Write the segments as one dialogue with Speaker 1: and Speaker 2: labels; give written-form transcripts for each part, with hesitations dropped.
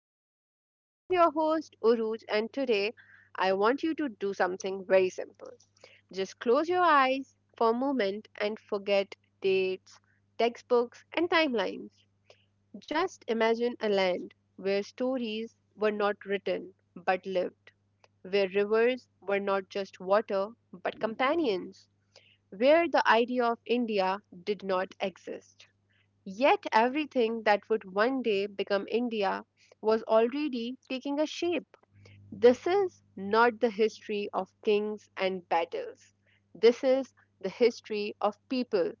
Speaker 1: podcast. I am your host, Uruj, and today I want you to do something very simple. Just close your eyes for a moment and forget dates, textbooks, and timelines. Just imagine a land where stories were not written but lived, where rivers were not just water but companions, where the idea of India did not exist. Yet everything that would one day become India was already taking a shape. This is not the history of kings and battles. This is the history of people.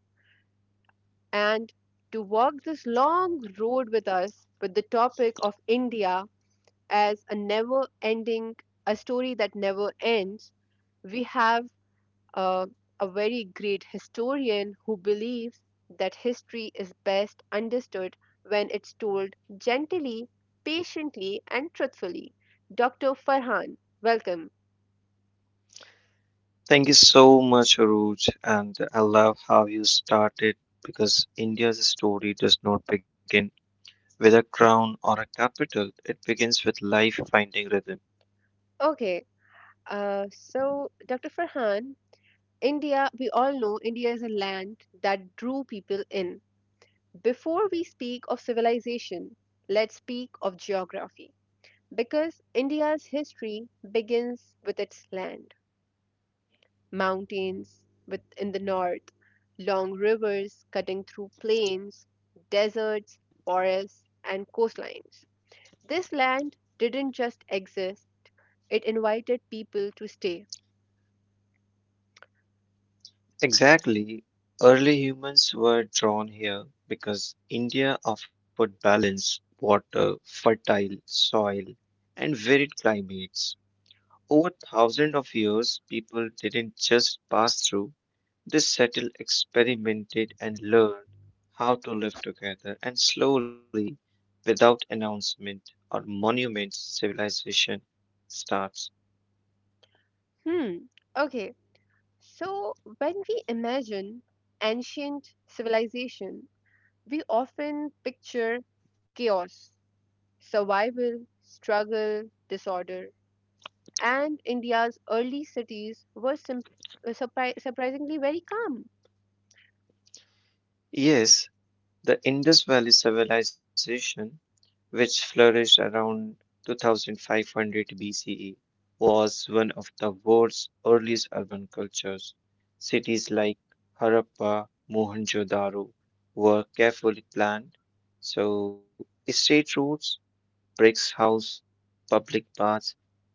Speaker 1: And to walk this long road with us with the topic of India as a never ending, a story that never ends, we have uh, a very great historian who believes that history is best understood when it's told gently, patiently, and truthfully. Dr. Farhan, welcome.
Speaker 2: Thank you so much, Aruj, and I love how you started because India's story does not begin with a crown or a capital. It begins with life finding rhythm.
Speaker 1: Okay, so Dr. Farhan, India, we all know India is a land that drew people in. Before we speak of civilization, let's speak of geography because India's history begins with its land. Mountains with, in the north, long rivers cutting through plains, deserts, forests, and coastlines. This land didn't just exist, it invited people to stay.
Speaker 2: Exactly. Early humans were drawn here because India offered balance, water, fertile soil, and varied climates. Over thousands of years, people didn't just pass through, this settle experimented and learned how to live together, and slowly, without announcement or monuments, civilization starts.
Speaker 1: Hmm, okay. So, when we imagine ancient civilization, we often picture chaos, survival, struggle, disorder, and India's early cities were surprisingly very calm.
Speaker 2: Yes, the Indus Valley civilization, which flourished around 2500 BCE, was one of the world's earliest urban cultures. Cities like Harappa, Mohenjo-daro were carefully planned. So, state roads bricks house, public baths,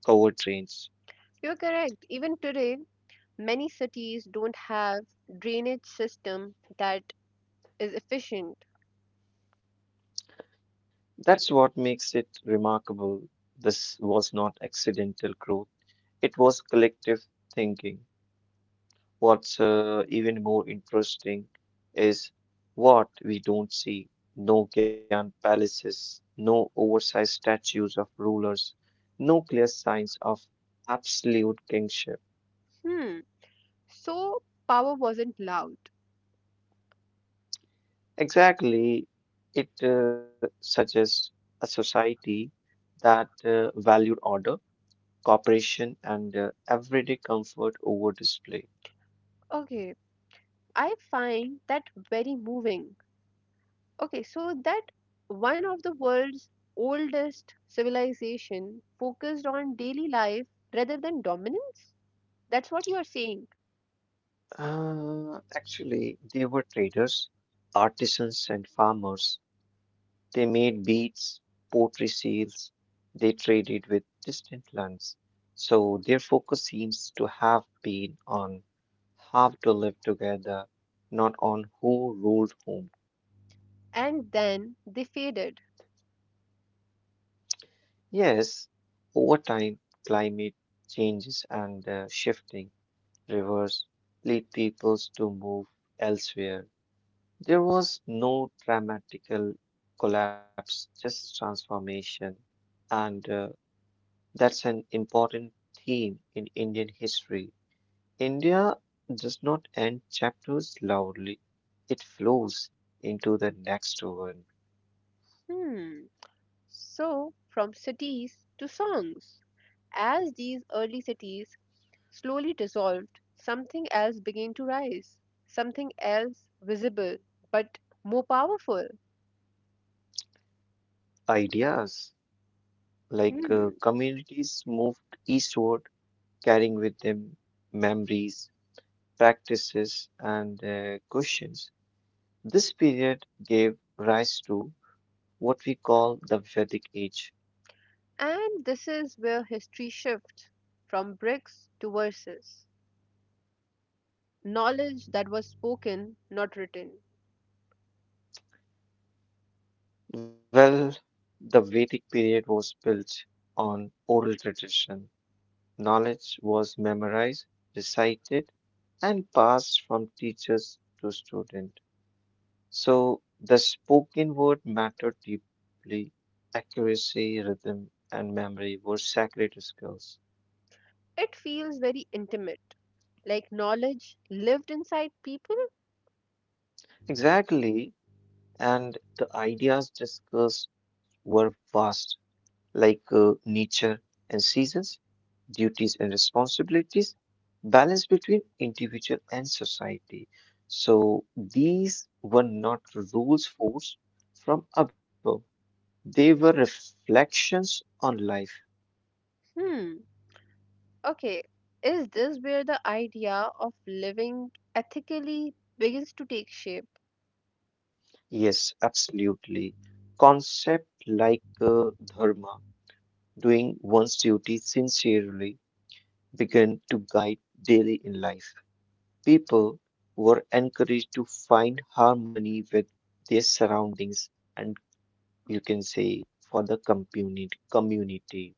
Speaker 2: covered trains.
Speaker 1: You're correct. Even today, many cities don't have drainage system that is efficient.
Speaker 2: That's what makes it remarkable. This was not accidental growth, it was collective thinking. What's even more interesting is what we don't see no grand palaces, no oversized statues of rulers, no clear signs of absolute kingship.
Speaker 1: Hmm. So power wasn't loud.
Speaker 2: Exactly, it suggests a society that valued order, cooperation, and everyday comfort over display.
Speaker 1: Okay, I find that very moving. Okay, so that one of the world's oldest civilization focused on daily life rather than dominance. That's what you are saying.
Speaker 2: Actually, they were traders, artisans, and farmers. They made beads, pottery seals, they traded with distant lands. So their focus seems to have been on how to live together, not on who ruled whom.
Speaker 1: And then they faded.
Speaker 2: Yes, over time, climate changes and shifting rivers lead peoples to move elsewhere. There was no dramatical collapse, just transformation. And that's an important theme in Indian history. India does not end chapters loudly, it flows into the next one.
Speaker 1: Hmm. So from cities to songs. As these early cities slowly dissolved, something else began to rise, something else visible but more powerful.
Speaker 2: Ideas like
Speaker 1: Hmm.
Speaker 2: communities moved eastward, carrying with them memories, practices, and questions. This period gave rise to what we call the Vedic Age.
Speaker 1: And this is where history shifts from bricks to verses. Knowledge that was spoken, not written.
Speaker 2: Well, the Vedic period was built on oral tradition. Knowledge was memorized, recited, and passed from teachers to student. So the spoken word mattered deeply. Accuracy, rhythm, and memory were sacred skills.
Speaker 1: It feels very intimate, like knowledge lived inside people.
Speaker 2: Exactly, and the ideas discussed were vast like nature and seasons, duties and responsibilities, balance between individual and society. So these were not rules forced from above, they were reflections on life.
Speaker 1: Hmm, okay. Is this where the idea of living ethically begins to take shape?
Speaker 2: Yes, absolutely. Concept like dharma, doing one's duty sincerely, began to guide daily in life. People were encouraged to find harmony with their surroundings and you can say for the community.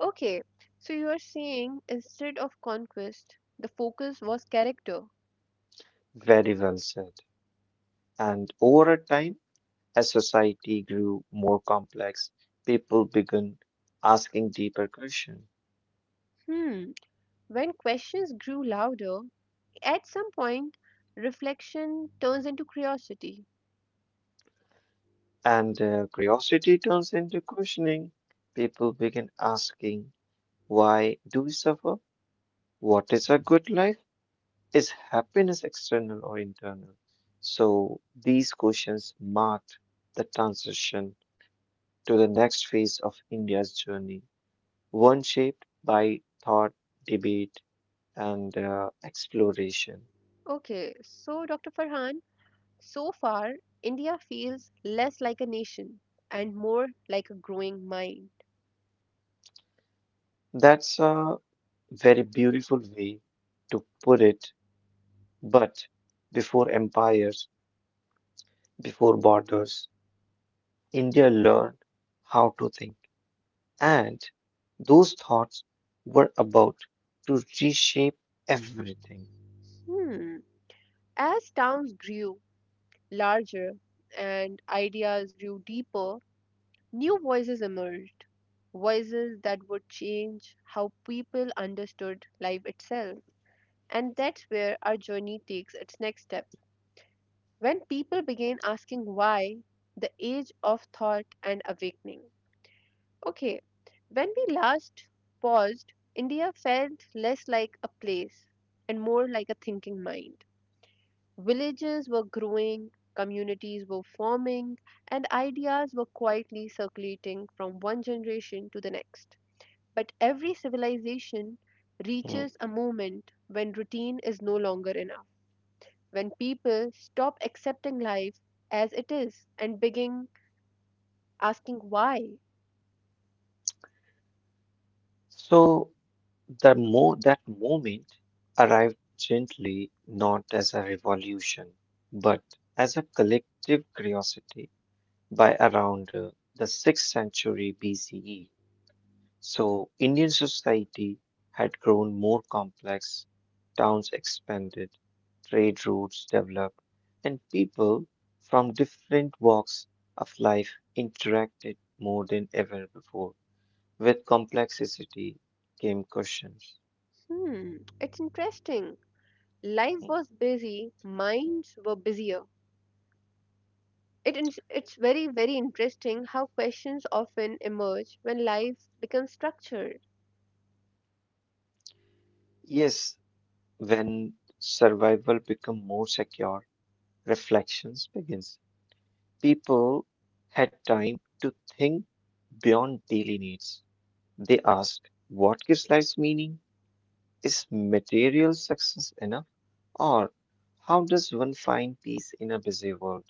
Speaker 1: Okay, so you are saying instead of conquest, the focus was character.
Speaker 2: Very well said. And over a time, as society grew more complex, people began asking deeper questions.
Speaker 1: Hmm, when questions grew louder, at some point, reflection turns into curiosity.
Speaker 2: And curiosity turns into questioning. People begin asking, why do we suffer? What is a good life? Is happiness external or internal? So these questions marked the transition to the next phase of India's journey, one shaped by thought, debate, and exploration.
Speaker 1: Okay, so Dr. Farhan, so far, India feels less like a nation and more like a growing mind.
Speaker 2: That's a very beautiful way to put it. But before empires, before borders, India learned how to think. And those thoughts were about to reshape everything.
Speaker 1: Hmm, as towns grew larger and ideas grew deeper, new voices emerged, voices that would change how people understood life itself. And that's where our journey takes its next step. When people begin asking why, the age of thought and awakening. Okay, when we last paused, India felt less like a place and more like a thinking mind. Villages were growing, communities were forming, and ideas were quietly circulating from one generation to the next. But every civilization
Speaker 2: Mm.
Speaker 1: reaches a moment when routine is no longer enough, when people stop accepting life as it is and begin asking why.
Speaker 2: So the mo that moment arrived gently, not as a revolution, but as a collective curiosity by around the 6th century BCE. So Indian society had grown more complex, towns expanded, trade routes developed, and people from different walks of life interacted more than ever before. With complexity came questions.
Speaker 1: Hmm, it's interesting. Life
Speaker 2: Mm.
Speaker 1: was busy, minds were busier. It's very, very interesting how questions often emerge when life becomes structured.
Speaker 2: Yes, when survival become more secure, reflections begins. People had time to think beyond daily needs. They asked, what gives life's meaning? Is material success enough? Or how does one find peace in a busy world?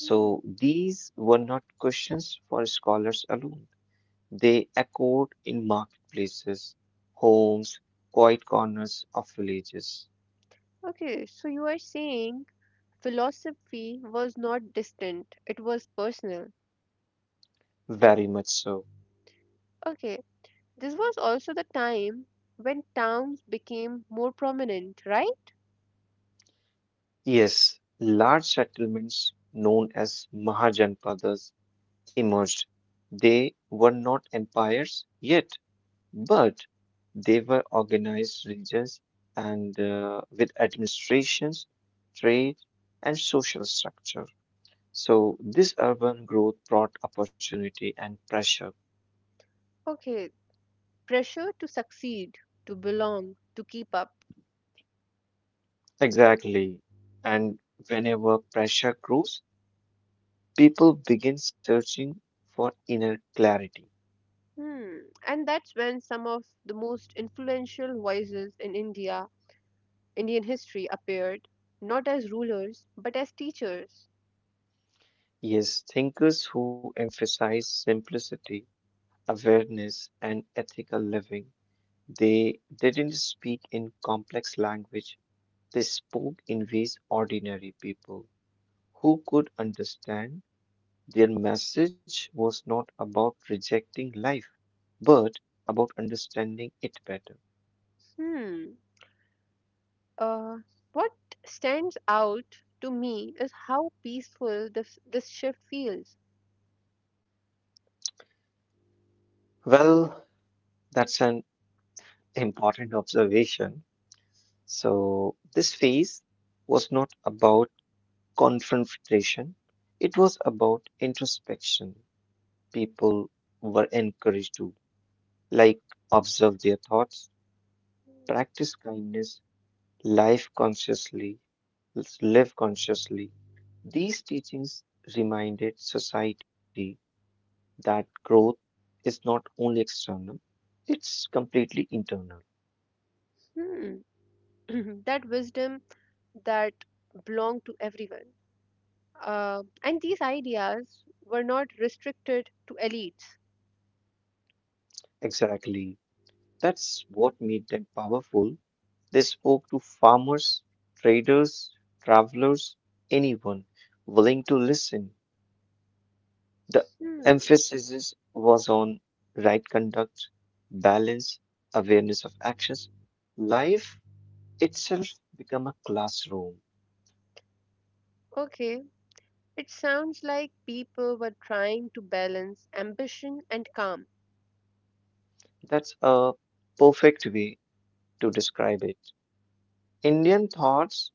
Speaker 1: Hmm.
Speaker 2: these were not questions for scholars alone. They echoed in marketplaces, homes, quiet corners of villages.
Speaker 1: Okay, so you are saying philosophy was not distant, it was personal.
Speaker 2: Very much so.
Speaker 1: Okay, this was also the time when towns became more prominent, right?
Speaker 2: Yes, large settlements known as Mahajanpadas emerged. They were not empires yet, but they were organized regions and with administrations, trade, and social structure. So, this urban growth brought opportunity and pressure.
Speaker 1: Okay. Pressure to succeed, to belong, to keep up.
Speaker 2: Exactly. And whenever pressure grows, people begin searching for inner clarity.
Speaker 1: Hmm. And that's when some of the most influential voices in India, Indian history appeared, not as rulers, but as teachers.
Speaker 2: Yes, thinkers who emphasize simplicity, awareness, and ethical living, they didn't speak in complex language. They spoke in ways ordinary people who could understand. Their message was not about rejecting life, but about understanding it better.
Speaker 1: Hmm. Uh, what stands out to me is how peaceful this shift feels.
Speaker 2: Well, that's an important observation. So, this phase was not about confrontation, it was about introspection. People were encouraged to, like, observe their thoughts, practice kindness, life consciously, live consciously. These teachings reminded society that growth is not only external, it's completely internal.
Speaker 1: Hmm. That wisdom that belonged to everyone. And these ideas were not restricted to elites.
Speaker 2: Exactly. That's what made them powerful. They spoke to farmers, traders, travelers, anyone willing to listen. The
Speaker 1: Hmm,
Speaker 2: emphasis was on right conduct, balance, awareness of actions. Life itself become a classroom.
Speaker 1: okay. It sounds like people were trying to balance ambition and calm.
Speaker 2: That's a perfect way to describe it. Indian thoughts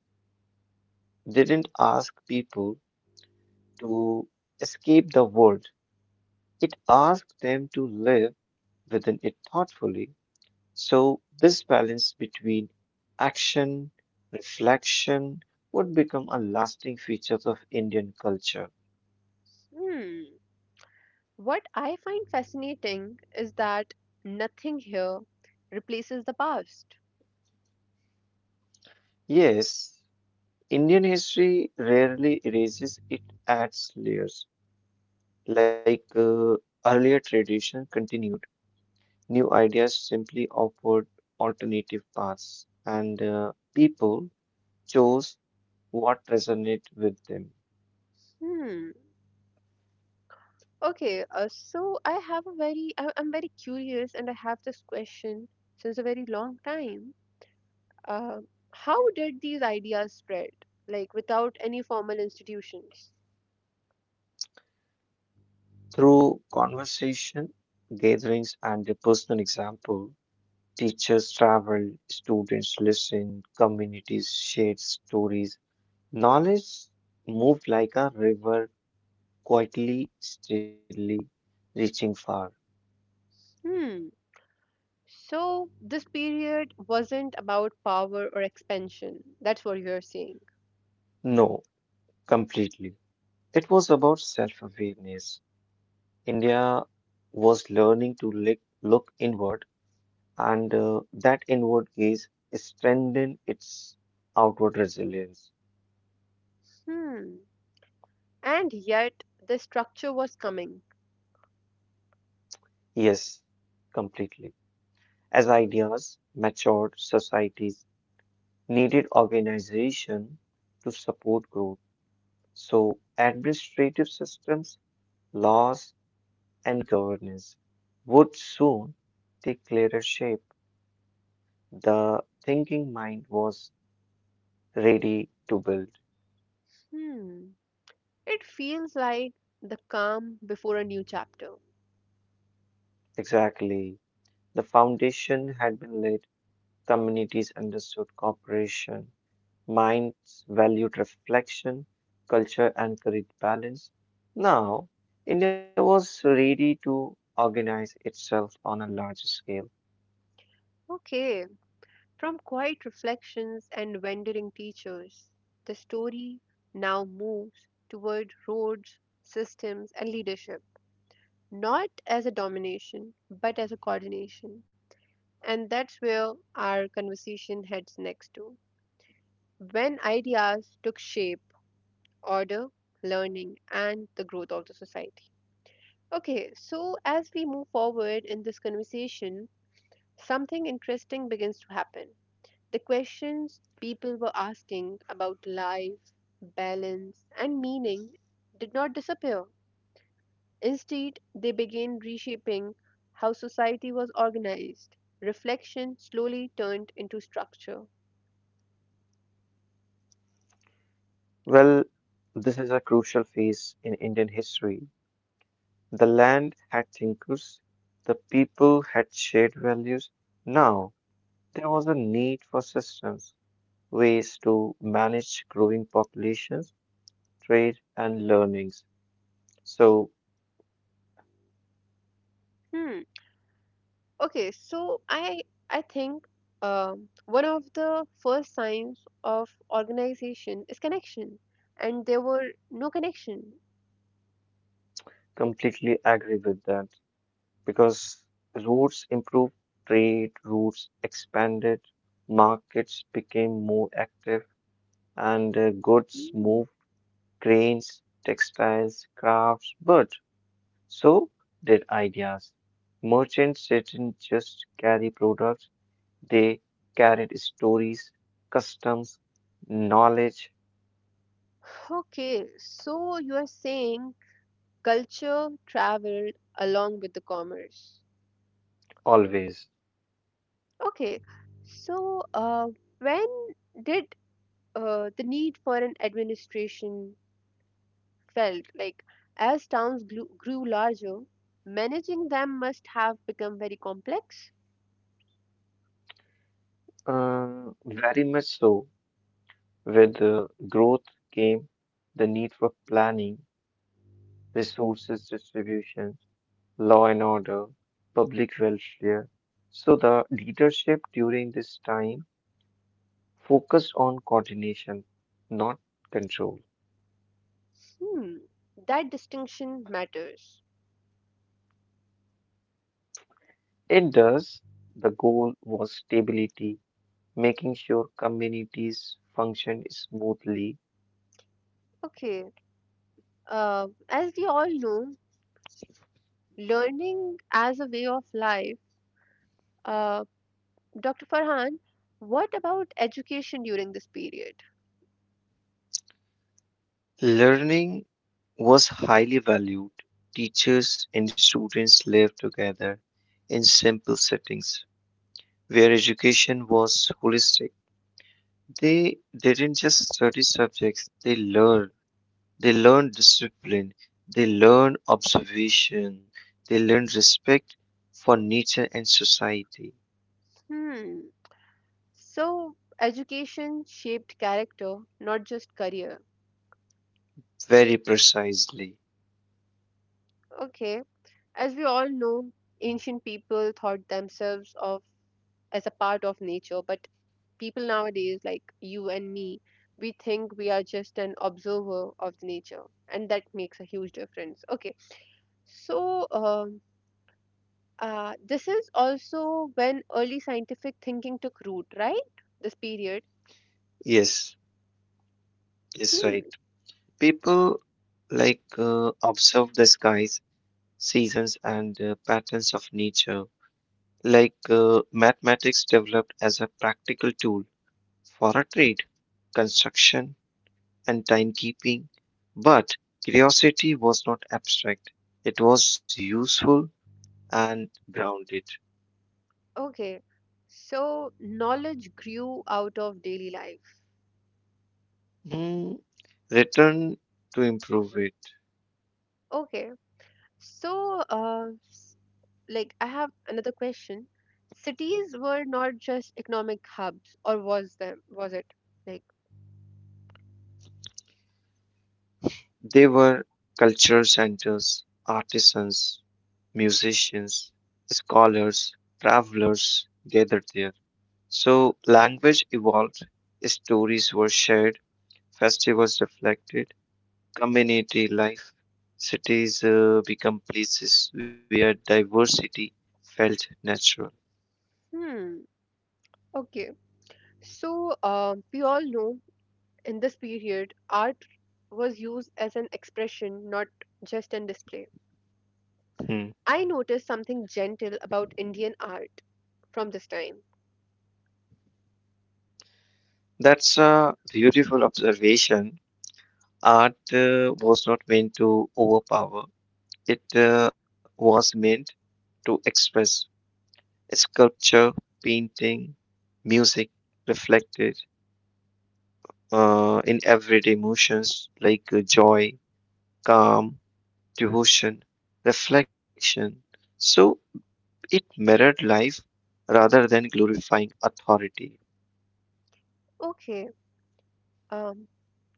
Speaker 2: didn't ask people to escape the world. It asked them to live within it thoughtfully. So, this balance between action, reflection would become a lasting feature of Indian culture.
Speaker 1: Hmm. What I find fascinating is that nothing here replaces the past.
Speaker 2: Yes, Indian history rarely erases, it adds layers. Like earlier tradition continued, new ideas simply offered alternative paths, and people chose what resonated with them.
Speaker 1: Hmm. Okay. So I have a very, I, I'm very curious, and I have this question since a very long time. Uh, how did these ideas spread, like without any formal institutions?
Speaker 2: Through conversation, gatherings, and their personal example, teachers travel, students listen, communities share stories. Knowledge moved like a river, quietly, steadily, reaching far.
Speaker 1: Hmm. So this period wasn't about power or expansion. That's what you're saying.
Speaker 2: No, completely. It was about self awareness. India was learning to look inward, and that inward gaze strengthened its outward resilience.
Speaker 1: Hmm. And yet the structure was coming.
Speaker 2: Yes, completely. As ideas matured, societies needed organization to support growth. So, administrative systems, laws, and governance would soon take clearer shape. The thinking mind was ready to build.
Speaker 1: Hmm. It feels like the calm before a new chapter.
Speaker 2: Exactly. The foundation had been laid, communities understood cooperation, minds valued reflection, culture encouraged balance. Now, India was ready to organize itself on a larger scale.
Speaker 1: Okay. From quiet reflections and wandering teachers, the story now moves toward roads, systems, and leadership. Not as a domination, but as a coordination. And that's where our conversation heads next to. When ideas took shape, order, learning, and the growth of the society. Okay, so as we move forward in this conversation, something interesting begins to happen. The questions people were asking about life, balance, and meaning did not disappear. Instead, they began reshaping how society was organized. Reflection slowly turned into structure.
Speaker 2: Well, this is a crucial phase in Indian history. The land had thinkers, the people had shared values. Now, there was a need for systems, ways to manage growing populations, trade, and learnings. So,
Speaker 1: Hmm. Okay, so I think one of the first signs of organization is connection, and there were no connection.
Speaker 2: completely agree with that. Because routes improved trade routes expanded, markets became more active, and goods
Speaker 1: Hmm.
Speaker 2: moved grains, textiles, crafts, but so did ideas. Merchants didn't just carry products, they carried stories, customs, knowledge,
Speaker 1: Okay, so you are saying culture traveled along with the commerce.
Speaker 2: always.
Speaker 1: Okay, so when did the need for an administration felt like as towns grew larger, managing them must have become very complex.
Speaker 2: Very much so. With growth came the need for planning resources distribution, law and order, public welfare. So the leadership during this time focused on coordination, not control.
Speaker 1: Hmm, that distinction matters.
Speaker 2: It does. The goal was stability, making sure communities functioned smoothly.
Speaker 1: Okay, as we all know, learning as a way of life. Uh, Dr. Farhan, what about education during this period?
Speaker 2: Learning was highly valued. Teachers and students lived together in simple settings where education was holistic. They didn't just study subjects, they learn. They learn discipline, they learn observation, they learn respect for nature and society.
Speaker 1: Hmm. So, education shaped character, not just career.
Speaker 2: Very precisely.
Speaker 1: Okay. As we all know, ancient people thought themselves of as a part of nature, but people nowadays like you and me, we think we are just an observer of the nature, and that makes a huge difference. Okay, so this is also when early scientific thinking took root, right? This period.
Speaker 2: Yes, yes,
Speaker 1: Hmm,
Speaker 2: right. People like observe the skies, seasons, and patterns of nature. Like mathematics developed as a practical tool for a trade, construction, and timekeeping. But curiosity was not abstract, it was useful and grounded.
Speaker 1: okay. So knowledge grew out of daily life.
Speaker 2: Mm, Return to improve it.
Speaker 1: Okay, so like I have another question. Cities were not just economic hubs, or was them? Was it like?
Speaker 2: They were cultural centers, artisans, musicians, scholars, travelers gathered there. So language evolved, stories were shared, festivals reflected community life. Cities become places where diversity felt natural.
Speaker 1: Hmm? Okay, so we all know in this period, art was used as an expression, not just an display.
Speaker 2: Hmm.
Speaker 1: I noticed something gentle about Indian art from this time.
Speaker 2: That's a beautiful observation. Art was not meant to overpower, it was meant to express. Sculpture, painting, music reflected in everyday emotions like joy, calm, devotion, reflection. So, it mirrored life rather than glorifying authority.
Speaker 1: Okay. Um,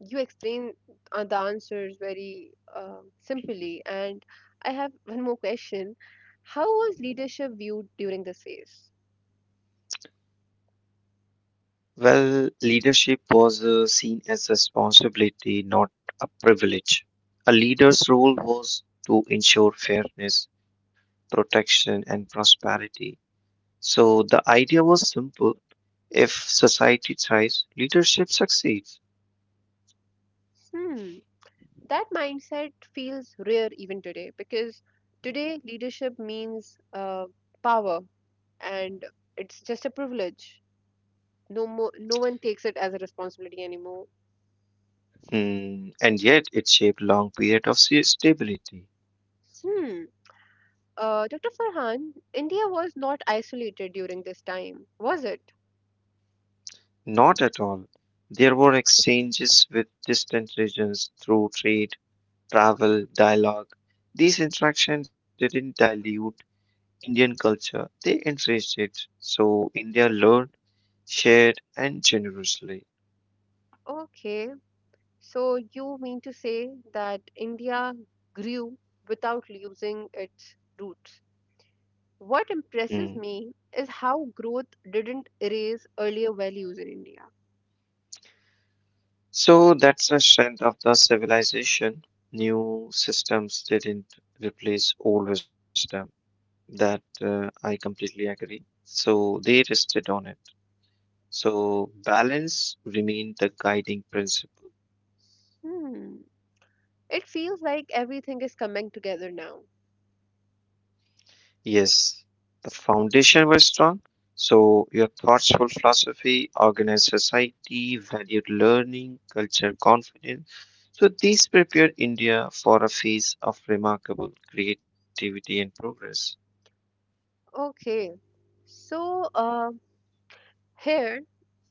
Speaker 1: you explain the answers very simply, and I have one more question. How was leadership viewed during this phase?
Speaker 2: Well, leadership was seen as responsibility, not a privilege. A leader's role was to ensure fairness, protection, and prosperity. So the idea was simple if society thrives, leadership succeeds.
Speaker 1: Hmm, that mindset feels rare even today because today leadership means power and it's just a privilege. No more, no one takes it as a responsibility anymore.
Speaker 2: Hmm, and yet it shaped long period of stability.
Speaker 1: Hmm. Dr. Farhan, India was not isolated during this time, was it?
Speaker 2: Not at all. There were exchanges with distant regions through trade travel, dialogue. These interactions didn't dilute Indian culture, they enriched it. So India learned, shared, and generously.
Speaker 1: Okay, so you mean to say that India grew without losing its roots? What
Speaker 2: Mm.
Speaker 1: impresses me is how growth didn't erase earlier values in India.
Speaker 2: So that's the strength of the civilization. New systems didn't replace old wisdom. That I completely agree. So they rested on it. So balance remained the guiding principle.
Speaker 1: Hmm. It feels like everything is coming together now.
Speaker 2: Yes, the foundation was strong. So your thoughtful philosophy, organized society, valued learning, culture, confidence. So these prepared India for a phase of remarkable creativity and progress.
Speaker 1: Okay. So, here,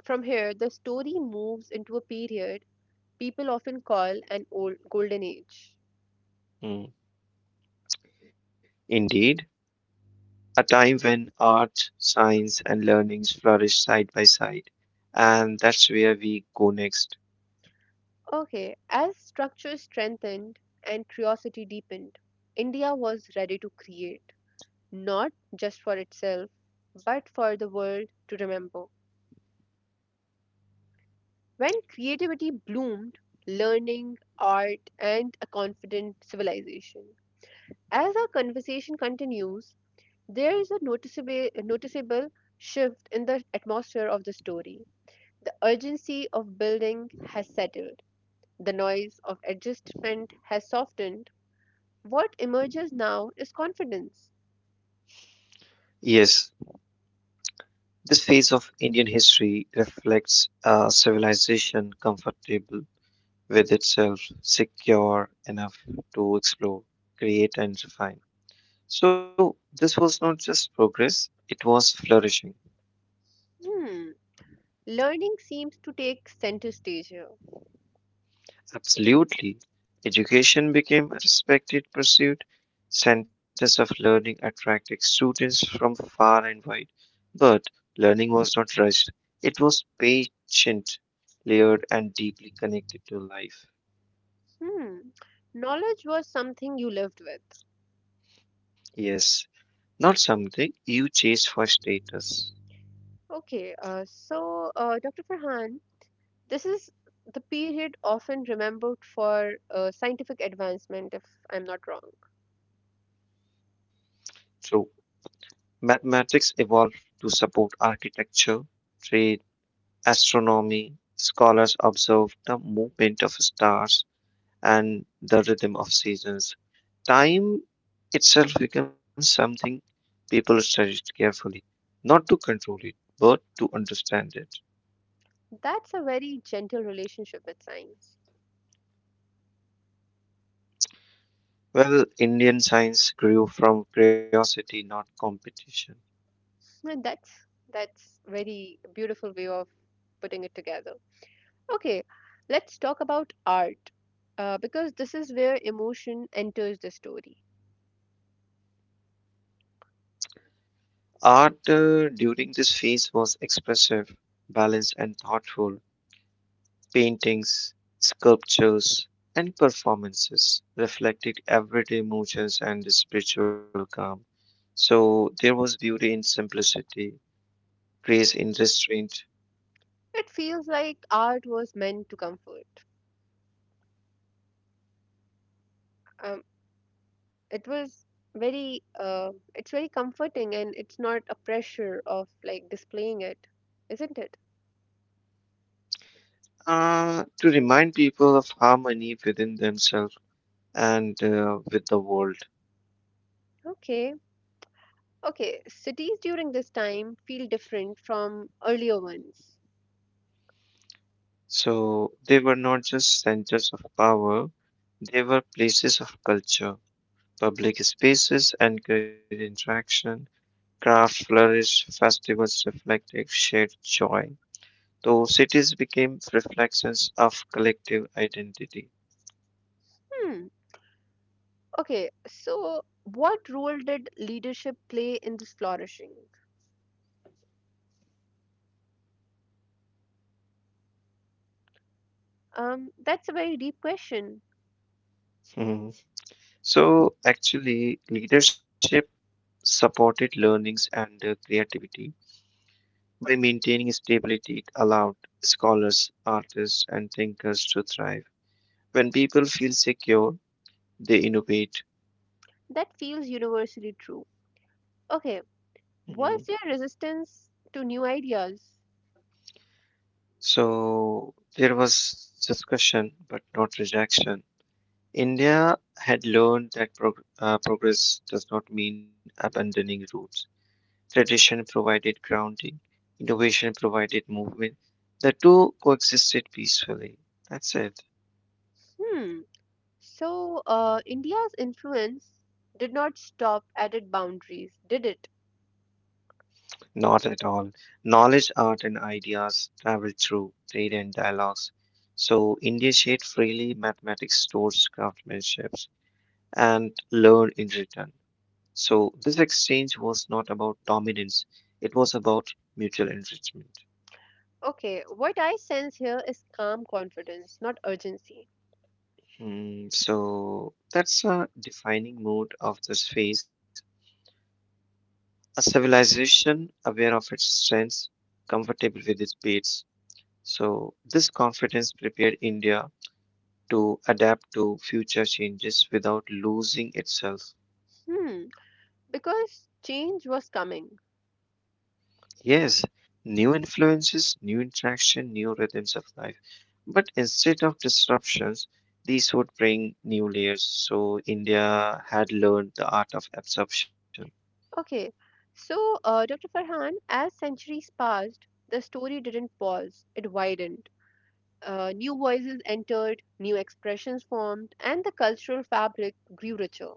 Speaker 1: from here, the story moves into a period people often call an old golden age.
Speaker 2: Mm. Indeed, a time when art, science, and learnings flourished side by side. And that's where we go next.
Speaker 1: Okay, as structures strengthened and curiosity deepened, India was ready to create, not just for itself, but for the world to remember. When creativity bloomed, learning, art, and a confident civilization. As our conversation continues, there is a noticeable shift in the atmosphere of the story. The urgency of building has settled. The noise of adjustment has softened. What emerges now is confidence.
Speaker 2: Yes, this phase of Indian history reflects a civilization comfortable with itself secure enough to explore, create, and refine. So, this was not just progress, it was flourishing.
Speaker 1: Hmm. Learning seems to take center stage here.
Speaker 2: Absolutely. Education became a respected pursuit. Centers of learning attracted students from far and wide. But learning was not rushed, it was patient, layered, and deeply connected to life.
Speaker 1: Hmm. Knowledge was something you lived with.
Speaker 2: Yes, not something you chase for status.
Speaker 1: Okay, so Dr. Farhan, this is the period often remembered for scientific advancement, if I'm not wrong.
Speaker 2: True. Mathematics evolved to support architecture, trade, astronomy. Scholars observed the movement of stars and the rhythm of seasons. Time itself becomes something people studied carefully, not to control it, but to understand it.
Speaker 1: That's a very gentle relationship with science.
Speaker 2: Well, Indian science grew from curiosity, not competition.
Speaker 1: And that's very beautiful way of putting it together. Okay, let's talk about art because this is where emotion enters the story.
Speaker 2: Art during this phase was expressive, balanced, and thoughtful. Paintings, sculptures, and performances reflected everyday emotions and spiritual calm. So there was beauty in simplicity, grace in restraint,
Speaker 1: It feels like art was meant to comfort. Um, it was it's very comforting and it's not a pressure of like displaying it, isn't it?
Speaker 2: to remind people of harmony within themselves and with the world.
Speaker 1: Okay, okay, cities during this time feel different from earlier ones.
Speaker 2: So they were not just centers of power, they were places of culture. Public spaces encouraged interaction, craft flourished, festivals reflected shared joy So cities became reflections of collective identity.
Speaker 1: Hmm, okay, so what role did leadership play in this flourishing? That's a very deep question.
Speaker 2: Mhm. So actually, leadership supported learnings and creativity by maintaining stability. It allowed scholars, artists, and thinkers to thrive. When people feel secure, they innovate.
Speaker 1: That feels universally true. Okay,
Speaker 2: Mhm.
Speaker 1: was there resistance to new ideas?
Speaker 2: So there was discussion, but not rejection. India had learned that progress does not mean abandoning roots. Tradition provided grounding, innovation provided movement. The two coexisted peacefully. That's it.
Speaker 1: Hmm. So, India's influence did not stop at its boundaries, did it?
Speaker 2: Not at all. Knowledge, art, and ideas traveled through trade and dialogues. So India shared freely mathematics, stores, craftsmanships, and learned in return. So this exchange was not about dominance, it was about mutual enrichment.
Speaker 1: Okay, what I sense here is calm confidence, not urgency.
Speaker 2: Hmm, so that's a defining mode of this phase A civilization aware of its strengths, comfortable with its beats. So, this confidence prepared India to adapt to future changes without losing itself.
Speaker 1: Hmm, because change was coming.
Speaker 2: Yes, new influences, new interaction, new rhythms of life. But instead of disruptions, these would bring new layers. So, India had learned the art of absorption.
Speaker 1: Okay, so Dr. Farhan, as centuries passed, the story didn't pause, it widened. New voices entered, new expressions formed, and the cultural fabric grew richer.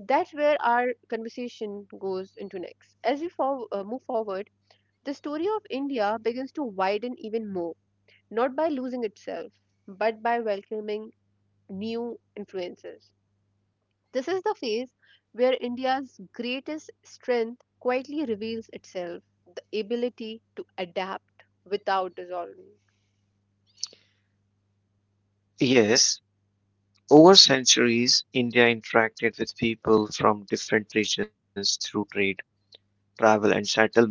Speaker 1: That's where our conversation goes into next. As we move forward, the story of India begins to widen even more, not by losing itself, but by welcoming new influences. This is the phase where India's greatest strength quietly reveals itself, the ability to adapt without dissolving.
Speaker 2: Yes, over centuries, India interacted with people from different regions through trade travel, and settlement.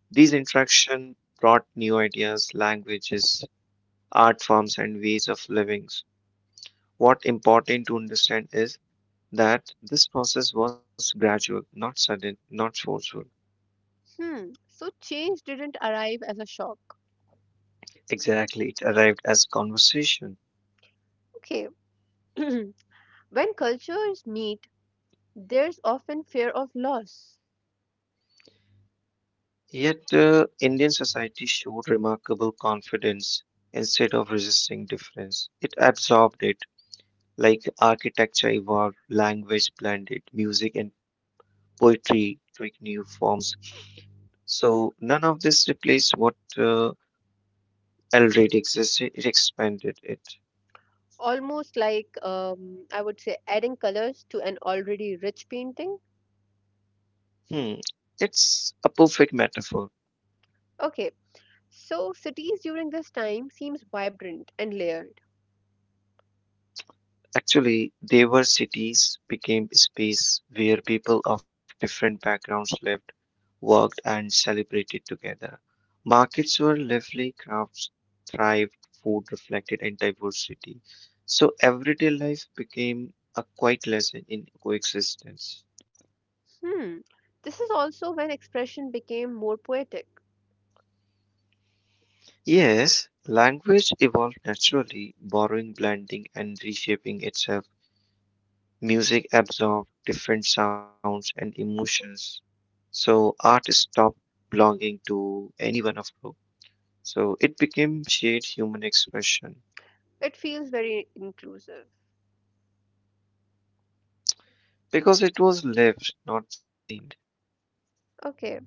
Speaker 2: These interactions brought new ideas, languages, art forms, and ways of living. What important to understand is that this process was gradual, not sudden, not forceful.
Speaker 1: Hmm, so change didn't arrive as a shock.
Speaker 2: Exactly, it arrived as conversation.
Speaker 1: Okay. When cultures meet, there's often fear of loss.
Speaker 2: Yet, Indian society showed remarkable confidence instead of resisting difference. It absorbed it, like architecture evolved, language blended, music and poetry took new forms, So none of this replaced what already existed, it expanded it.
Speaker 1: Almost like, I would say, adding colors to an already rich painting.
Speaker 2: Hmm. It's a perfect metaphor.
Speaker 1: Okay. So, cities during this time seems vibrant and layered.
Speaker 2: Actually, they were cities became space where people of different backgrounds lived, worked, and celebrated together. Markets were lively, crafts thrived, food reflected and diversity. So everyday life became a quiet lesson in coexistence.
Speaker 1: Hmm. This is also when expression became more poetic.
Speaker 2: Yes, language evolved naturally, borrowing, blending, and reshaping itself. Music absorbed different sounds and emotions. So art stopped belonging to any one of group. So it became shared human expression
Speaker 1: It feels very inclusive.
Speaker 2: because it was lived, not designed.
Speaker 1: Okay,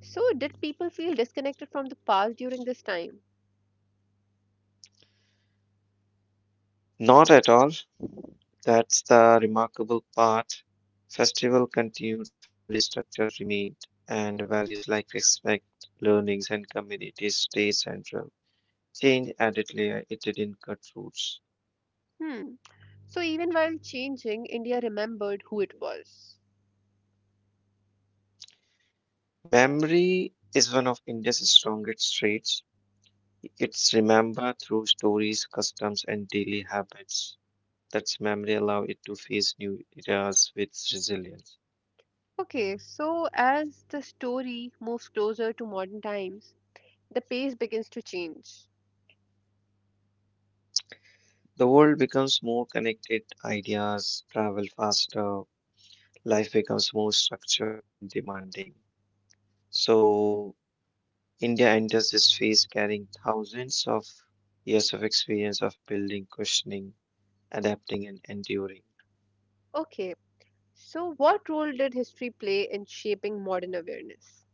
Speaker 1: so did people feel disconnected from the past during this time?
Speaker 2: Not at all. That's the remarkable part. Festival continued, family structure remained, and values like respect, learnings, and community stay central. Change added layer it didn't cut roots.
Speaker 1: Hmm. So even while changing, India remembered who it was.
Speaker 2: Memory is one of India's strongest traits. It's remembered through stories, customs, and daily habits. That's memory allow it to face new eras with resilience.
Speaker 1: Okay, so as the story moves closer to modern times, the pace begins to change.
Speaker 2: The world becomes more connected, ideas travel faster, life becomes more structured and demanding. So, India enters this phase carrying thousands of years of experience of building, questioning, adapting, and enduring.
Speaker 1: Okay, so what role did history play in shaping modern awareness?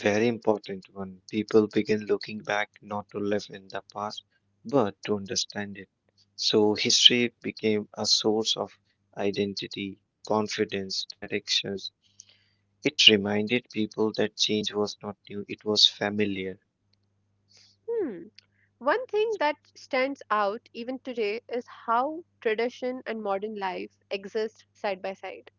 Speaker 2: Very important one. People begin looking back not to live in the past, but to understand it. So history became a source of identity, confidence, directions. It reminded people that change was not new, it was familiar.
Speaker 1: Hmm. One thing that stands out even today is how tradition and modern life exist side by side.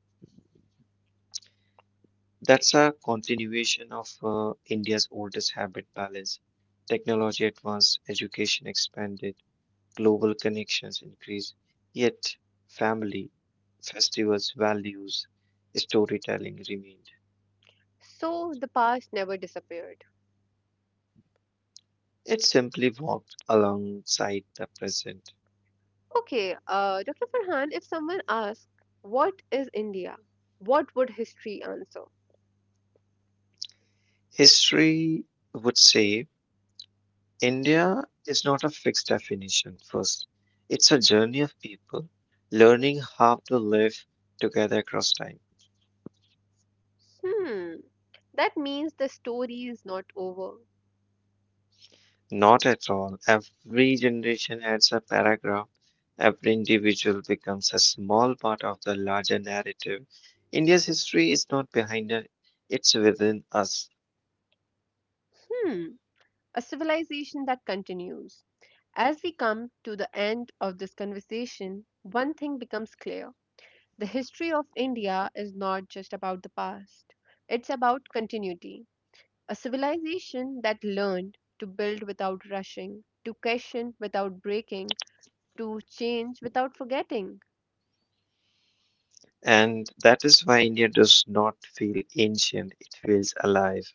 Speaker 2: That's a continuation of India's oldest habit balance. Technology advanced, education expanded, global connections increase, yet family, festivals, values, storytelling remained.
Speaker 1: So the past never disappeared.
Speaker 2: It simply walked alongside the present.
Speaker 1: Okay, Dr. Farhan, if someone asks, what is India? What would history answer?
Speaker 2: History would say India is not a fixed definition first. It's a journey of people learning how to live together across time.
Speaker 1: Hmm, that means the story is not over.
Speaker 2: Not at all. Every generation adds a paragraph. Every individual becomes a small part of the larger narrative. India's history is not behind us, it's within us.
Speaker 1: Hmm, a civilization that continues. As we come to the end of this conversation, one thing becomes clear. The history of India is not just about the past, it's about continuity. A civilization that learned to build without rushing, to question without breaking, to change without forgetting.
Speaker 2: And that is why India does not feel ancient, it feels alive.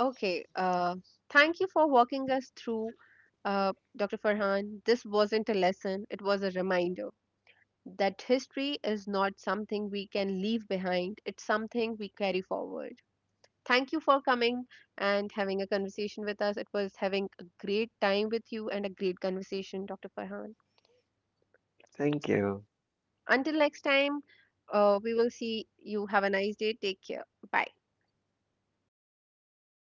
Speaker 1: Okay, thank you for walking us through, Dr. Farhan. This wasn't a lesson, it was a reminder that history is not something we can leave behind, it's something we carry forward. Thank you for coming and having a conversation with us. It was having a great time with you and a great conversation, Dr. Farhan.
Speaker 2: Thank you.
Speaker 1: Until next time, we will see you. Have a nice day. Take care. Bye.
Speaker 2: Bye.